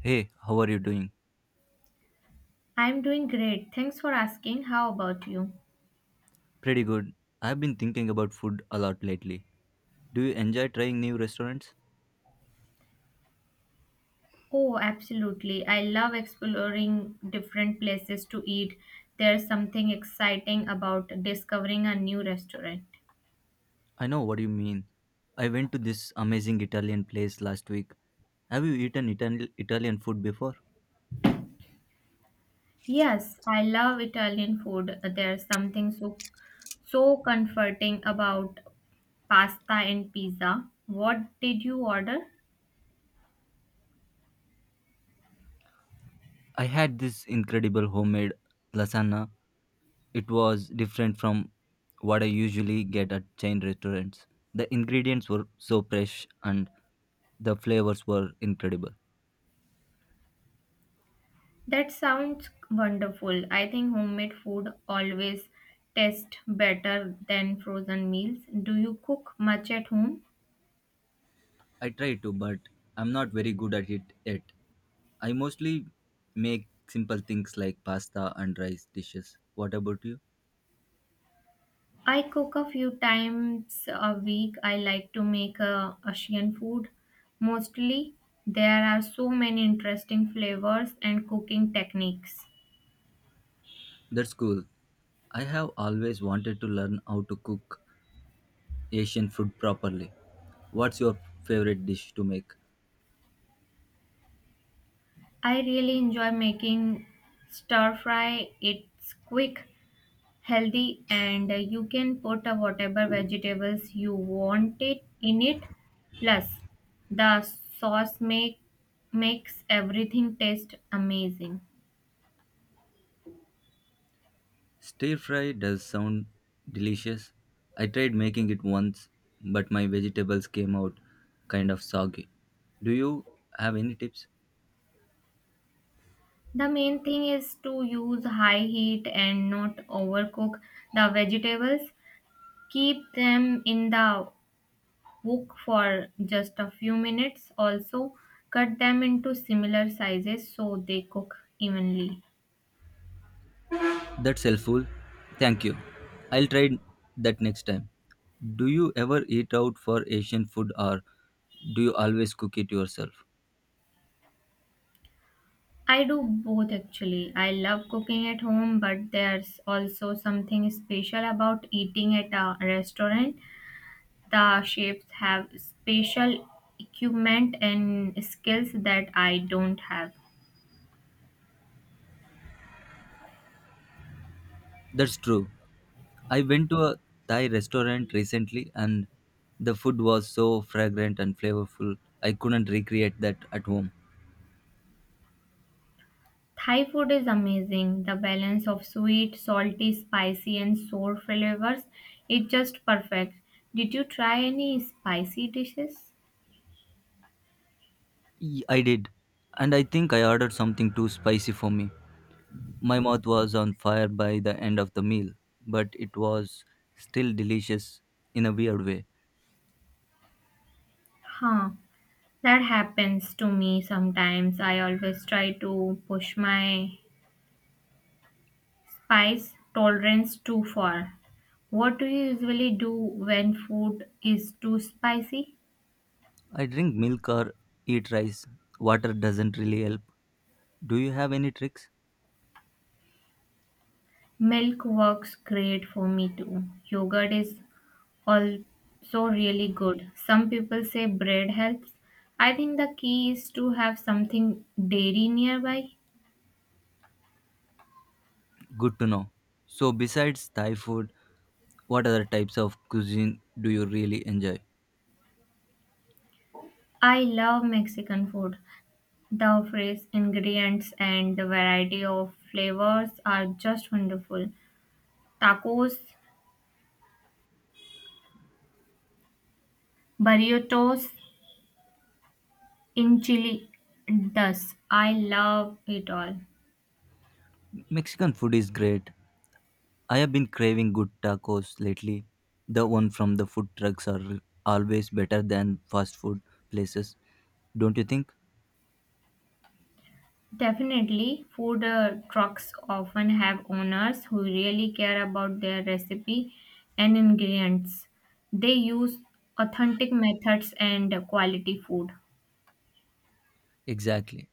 Hey, how are you doing? I'm doing great. Thanks for asking. How about you? Pretty good. I've been thinking about food a lot lately. Do you enjoy trying new restaurants? Oh, absolutely. I love exploring different places to eat. There's something exciting about discovering a new restaurant. I know what you mean. I went to this amazing Italian place last week. Have you eaten Italian food before? Yes, I love Italian food. There's something so comforting about pasta and pizza. What did you order? I had this incredible homemade lasagna. It was different from what I usually get at chain restaurants. The ingredients were so fresh and the flavors were incredible. That sounds wonderful. I think homemade food always tastes better than frozen meals. Do you cook much at home? I try to, but I'm not very good at it yet. I mostly make simple things like pasta and rice dishes. What about you? I cook a few times a week. I like to make Asian food mostly. There are so many interesting flavors and cooking techniques. That's cool. I have always wanted to learn how to cook Asian food properly. What's your favorite dish to make? I really enjoy making stir fry. It's quick, healthy, and you can put whatever vegetables you want it in it. Plus, the sauce makes everything taste amazing. Stir fry does sound delicious. I tried making it once, but my vegetables came out kind of soggy. Do you have any tips? The main thing is to use high heat and not overcook the vegetables. Keep them in the wok for just a few minutes. Also, cut them into similar sizes so they cook evenly. That's helpful. Thank you. I'll try that next time. Do you ever eat out for Asian food or do you always cook it yourself? I do both actually. I love cooking at home, but there's also something special about eating at a restaurant. The chefs have special equipment and skills that I don't have. That's true. I went to a Thai restaurant recently and the food was so fragrant and flavorful. I couldn't recreate that at home. Thai food is amazing. The balance of sweet, salty, spicy, and sour flavors is just perfect. Did you try any spicy dishes? I did. And I think I ordered something too spicy for me. My mouth was on fire by the end of the meal, but it was still delicious in a weird way. Huh, that happens to me sometimes. I always try to push my spice tolerance too far. What do you usually do when food is too spicy? I drink milk or eat rice. Water doesn't really help. Do you have any tricks? Milk works great for me too. Yogurt is also really good. Some people say bread helps. I think the key is to have something dairy nearby. Good to know. So, besides Thai food, what other types of cuisine do you really enjoy? I love Mexican food. The fresh ingredients and the variety of flavors are just wonderful. Tacos, burritos, enchiladas. I love it all. Mexican food is great. I have been craving good tacos lately. The one from the food trucks are always better than fast food places, don't you think? Definitely, food trucks often have owners who really care about their recipe and ingredients. They use authentic methods and quality food. Exactly.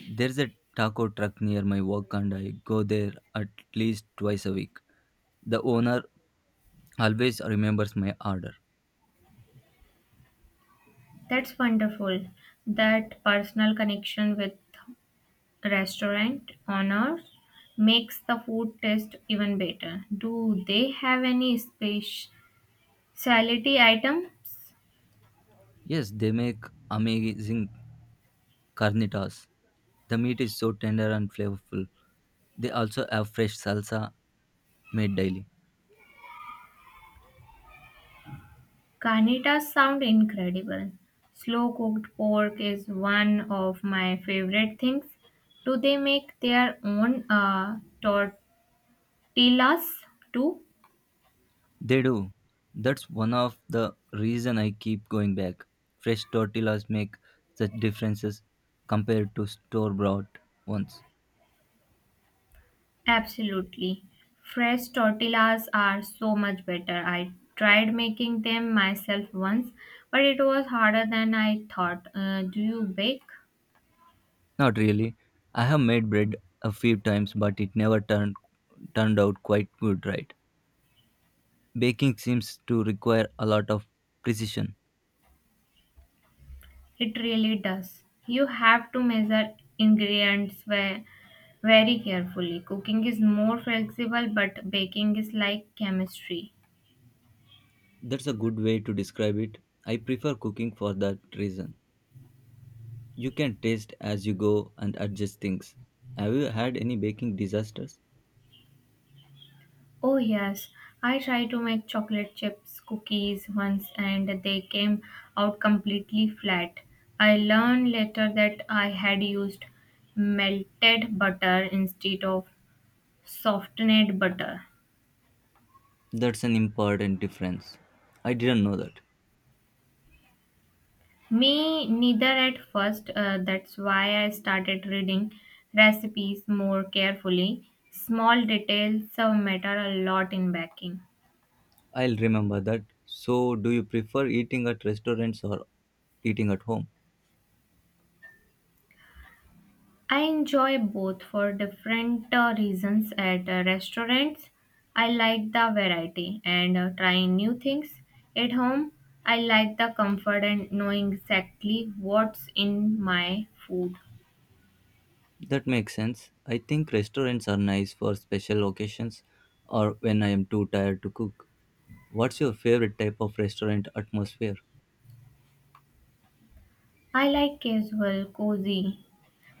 There's a taco truck near my work and I go there at least twice a week. The owner always remembers my order. That's wonderful. That personal connection with restaurant owners makes the food taste even better. Do they have any specialty items? Yes, they make amazing carnitas. The meat is so tender and flavorful. They also have fresh salsa made daily. Carnitas sound incredible. Slow cooked pork is one of my favorite things. Do they make their own tortillas too? They do. That's one of the reason I keep going back. Fresh tortillas make such differences compared to store bought ones. Absolutely. Fresh tortillas are so much better. I tried making them myself once, but it was harder than I thought. Do you bake? Not really. I have made bread a few times but it never turned out quite good right. Baking seems to require a lot of precision. It really does. You have to measure ingredients very carefully. Cooking is more flexible, but baking is like chemistry. That's a good way to describe it. I prefer cooking for that reason. You can taste as you go and adjust things. Have you had any baking disasters? Oh, yes, I tried to make chocolate chips cookies once and they came out completely flat. I learned later that I had used melted butter instead of softened butter. That's an important difference. I didn't know that. Me neither at first. That's why I started reading recipes more carefully. Small details matter a lot in baking. I'll remember that. So, do you prefer eating at restaurants or eating at home? I enjoy both for different reasons at restaurants. I like the variety and trying new things. At home, I like the comfort and knowing exactly what's in my food. That makes sense. I think restaurants are nice for special occasions or when I am too tired to cook. What's your favorite type of restaurant atmosphere? I like casual, cozy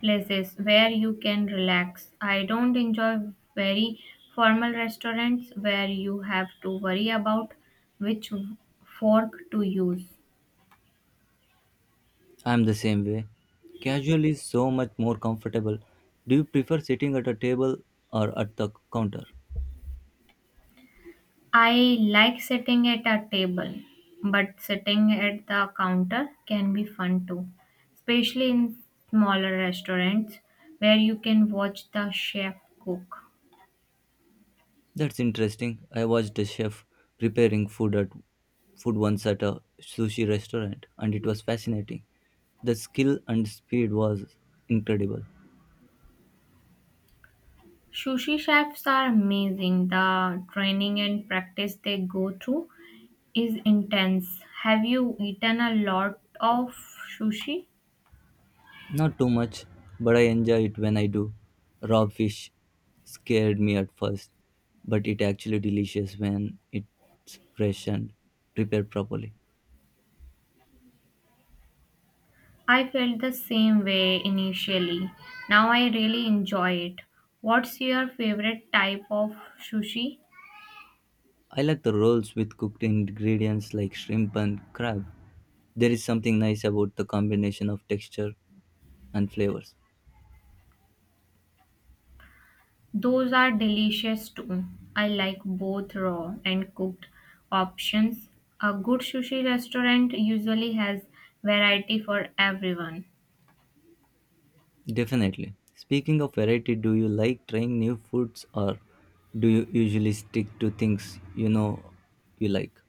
places where you can relax. I don't enjoy very formal restaurants where you have to worry about which fork to use. I'm the same way. Casual is so much more comfortable. Do you prefer sitting at a table or at the counter? I like sitting at a table, but sitting at the counter can be fun too, especially in smaller restaurants where you can watch the chef cook. That's interesting. I watched a chef preparing food at food once at a sushi restaurant and it was fascinating. The skill and speed was incredible. Sushi chefs are amazing, the training and practice they go through is intense. Have you eaten a lot of sushi? Not too much, but I enjoy it when I do. Raw fish scared me at first, but it actually delicious when it's fresh and prepared properly. I felt the same way initially. Now I really enjoy it. What's your favorite type of sushi? I like the rolls with cooked ingredients like shrimp and crab. There is something nice about the combination of texture and flavors. Those are delicious too. I like both raw and cooked options. A good sushi restaurant usually has variety for everyone. Definitely. Speaking of variety, do you like trying new foods or do you usually stick to things you know you like?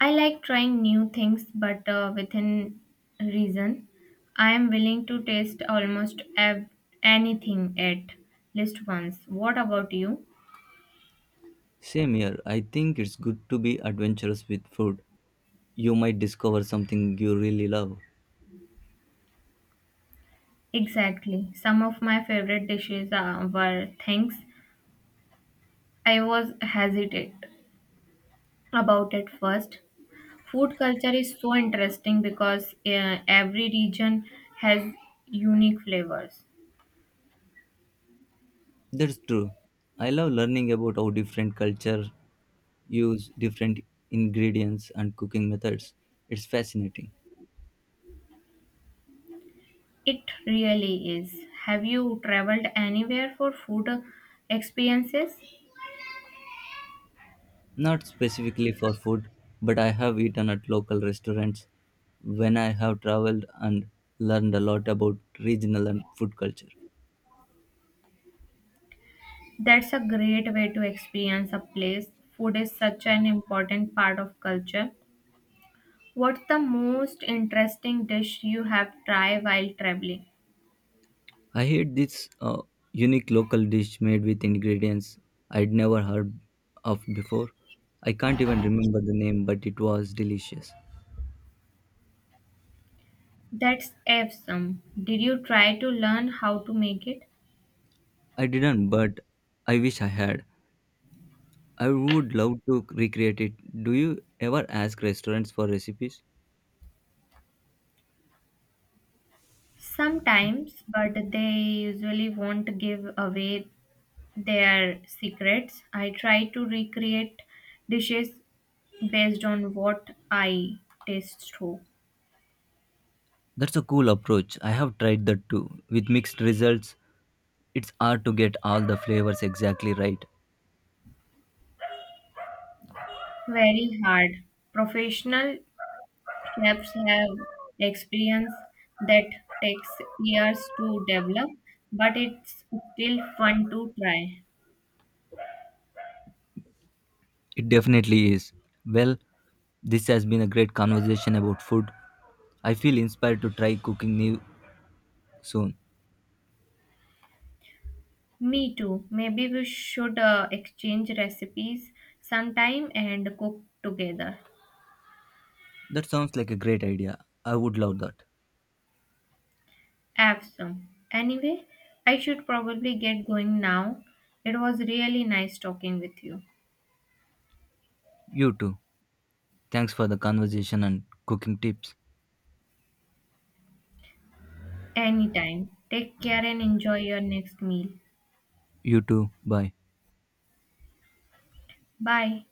I like trying new things, but within reason. I am willing to taste almost anything at least once. What about you? Same here. I think it's good to be adventurous with food. You might discover something you really love. Exactly. Some of my favorite dishes were things I was hesitant about at first. Food culture is so interesting because every region has unique flavors. That's true. I love learning about how different culture use different ingredients and cooking methods. It's fascinating. It really is. Have you traveled anywhere for food experiences? Not specifically for food, but I have eaten at local restaurants when I have traveled and learned a lot about regional and food culture. That's a great way to experience a place. Food is such an important part of culture. What's the most interesting dish you have tried while traveling? I ate this unique local dish made with ingredients I'd never heard of before. I can't even remember the name, but it was delicious. That's awesome. Did you try to learn how to make it? I didn't, but I wish I had. I would love to recreate it. Do you ever ask restaurants for recipes? Sometimes, but they usually won't give away their secrets. I try to recreate dishes based on what I taste through. That's a cool approach. I have tried that too. With mixed results, it's hard to get all the flavors exactly right. Very hard. Professional chefs have experience that takes years to develop, but it's still fun to try. It definitely is. Well, this has been a great conversation about food. I feel inspired to try cooking new soon. Me too. Maybe we should exchange recipes sometime and cook together. That sounds like a great idea. I would love that. Awesome. Anyway, I should probably get going now. It was really nice talking with you. You too. Thanks for the conversation and cooking tips. Anytime. Take care and enjoy your next meal. You too. Bye. Bye.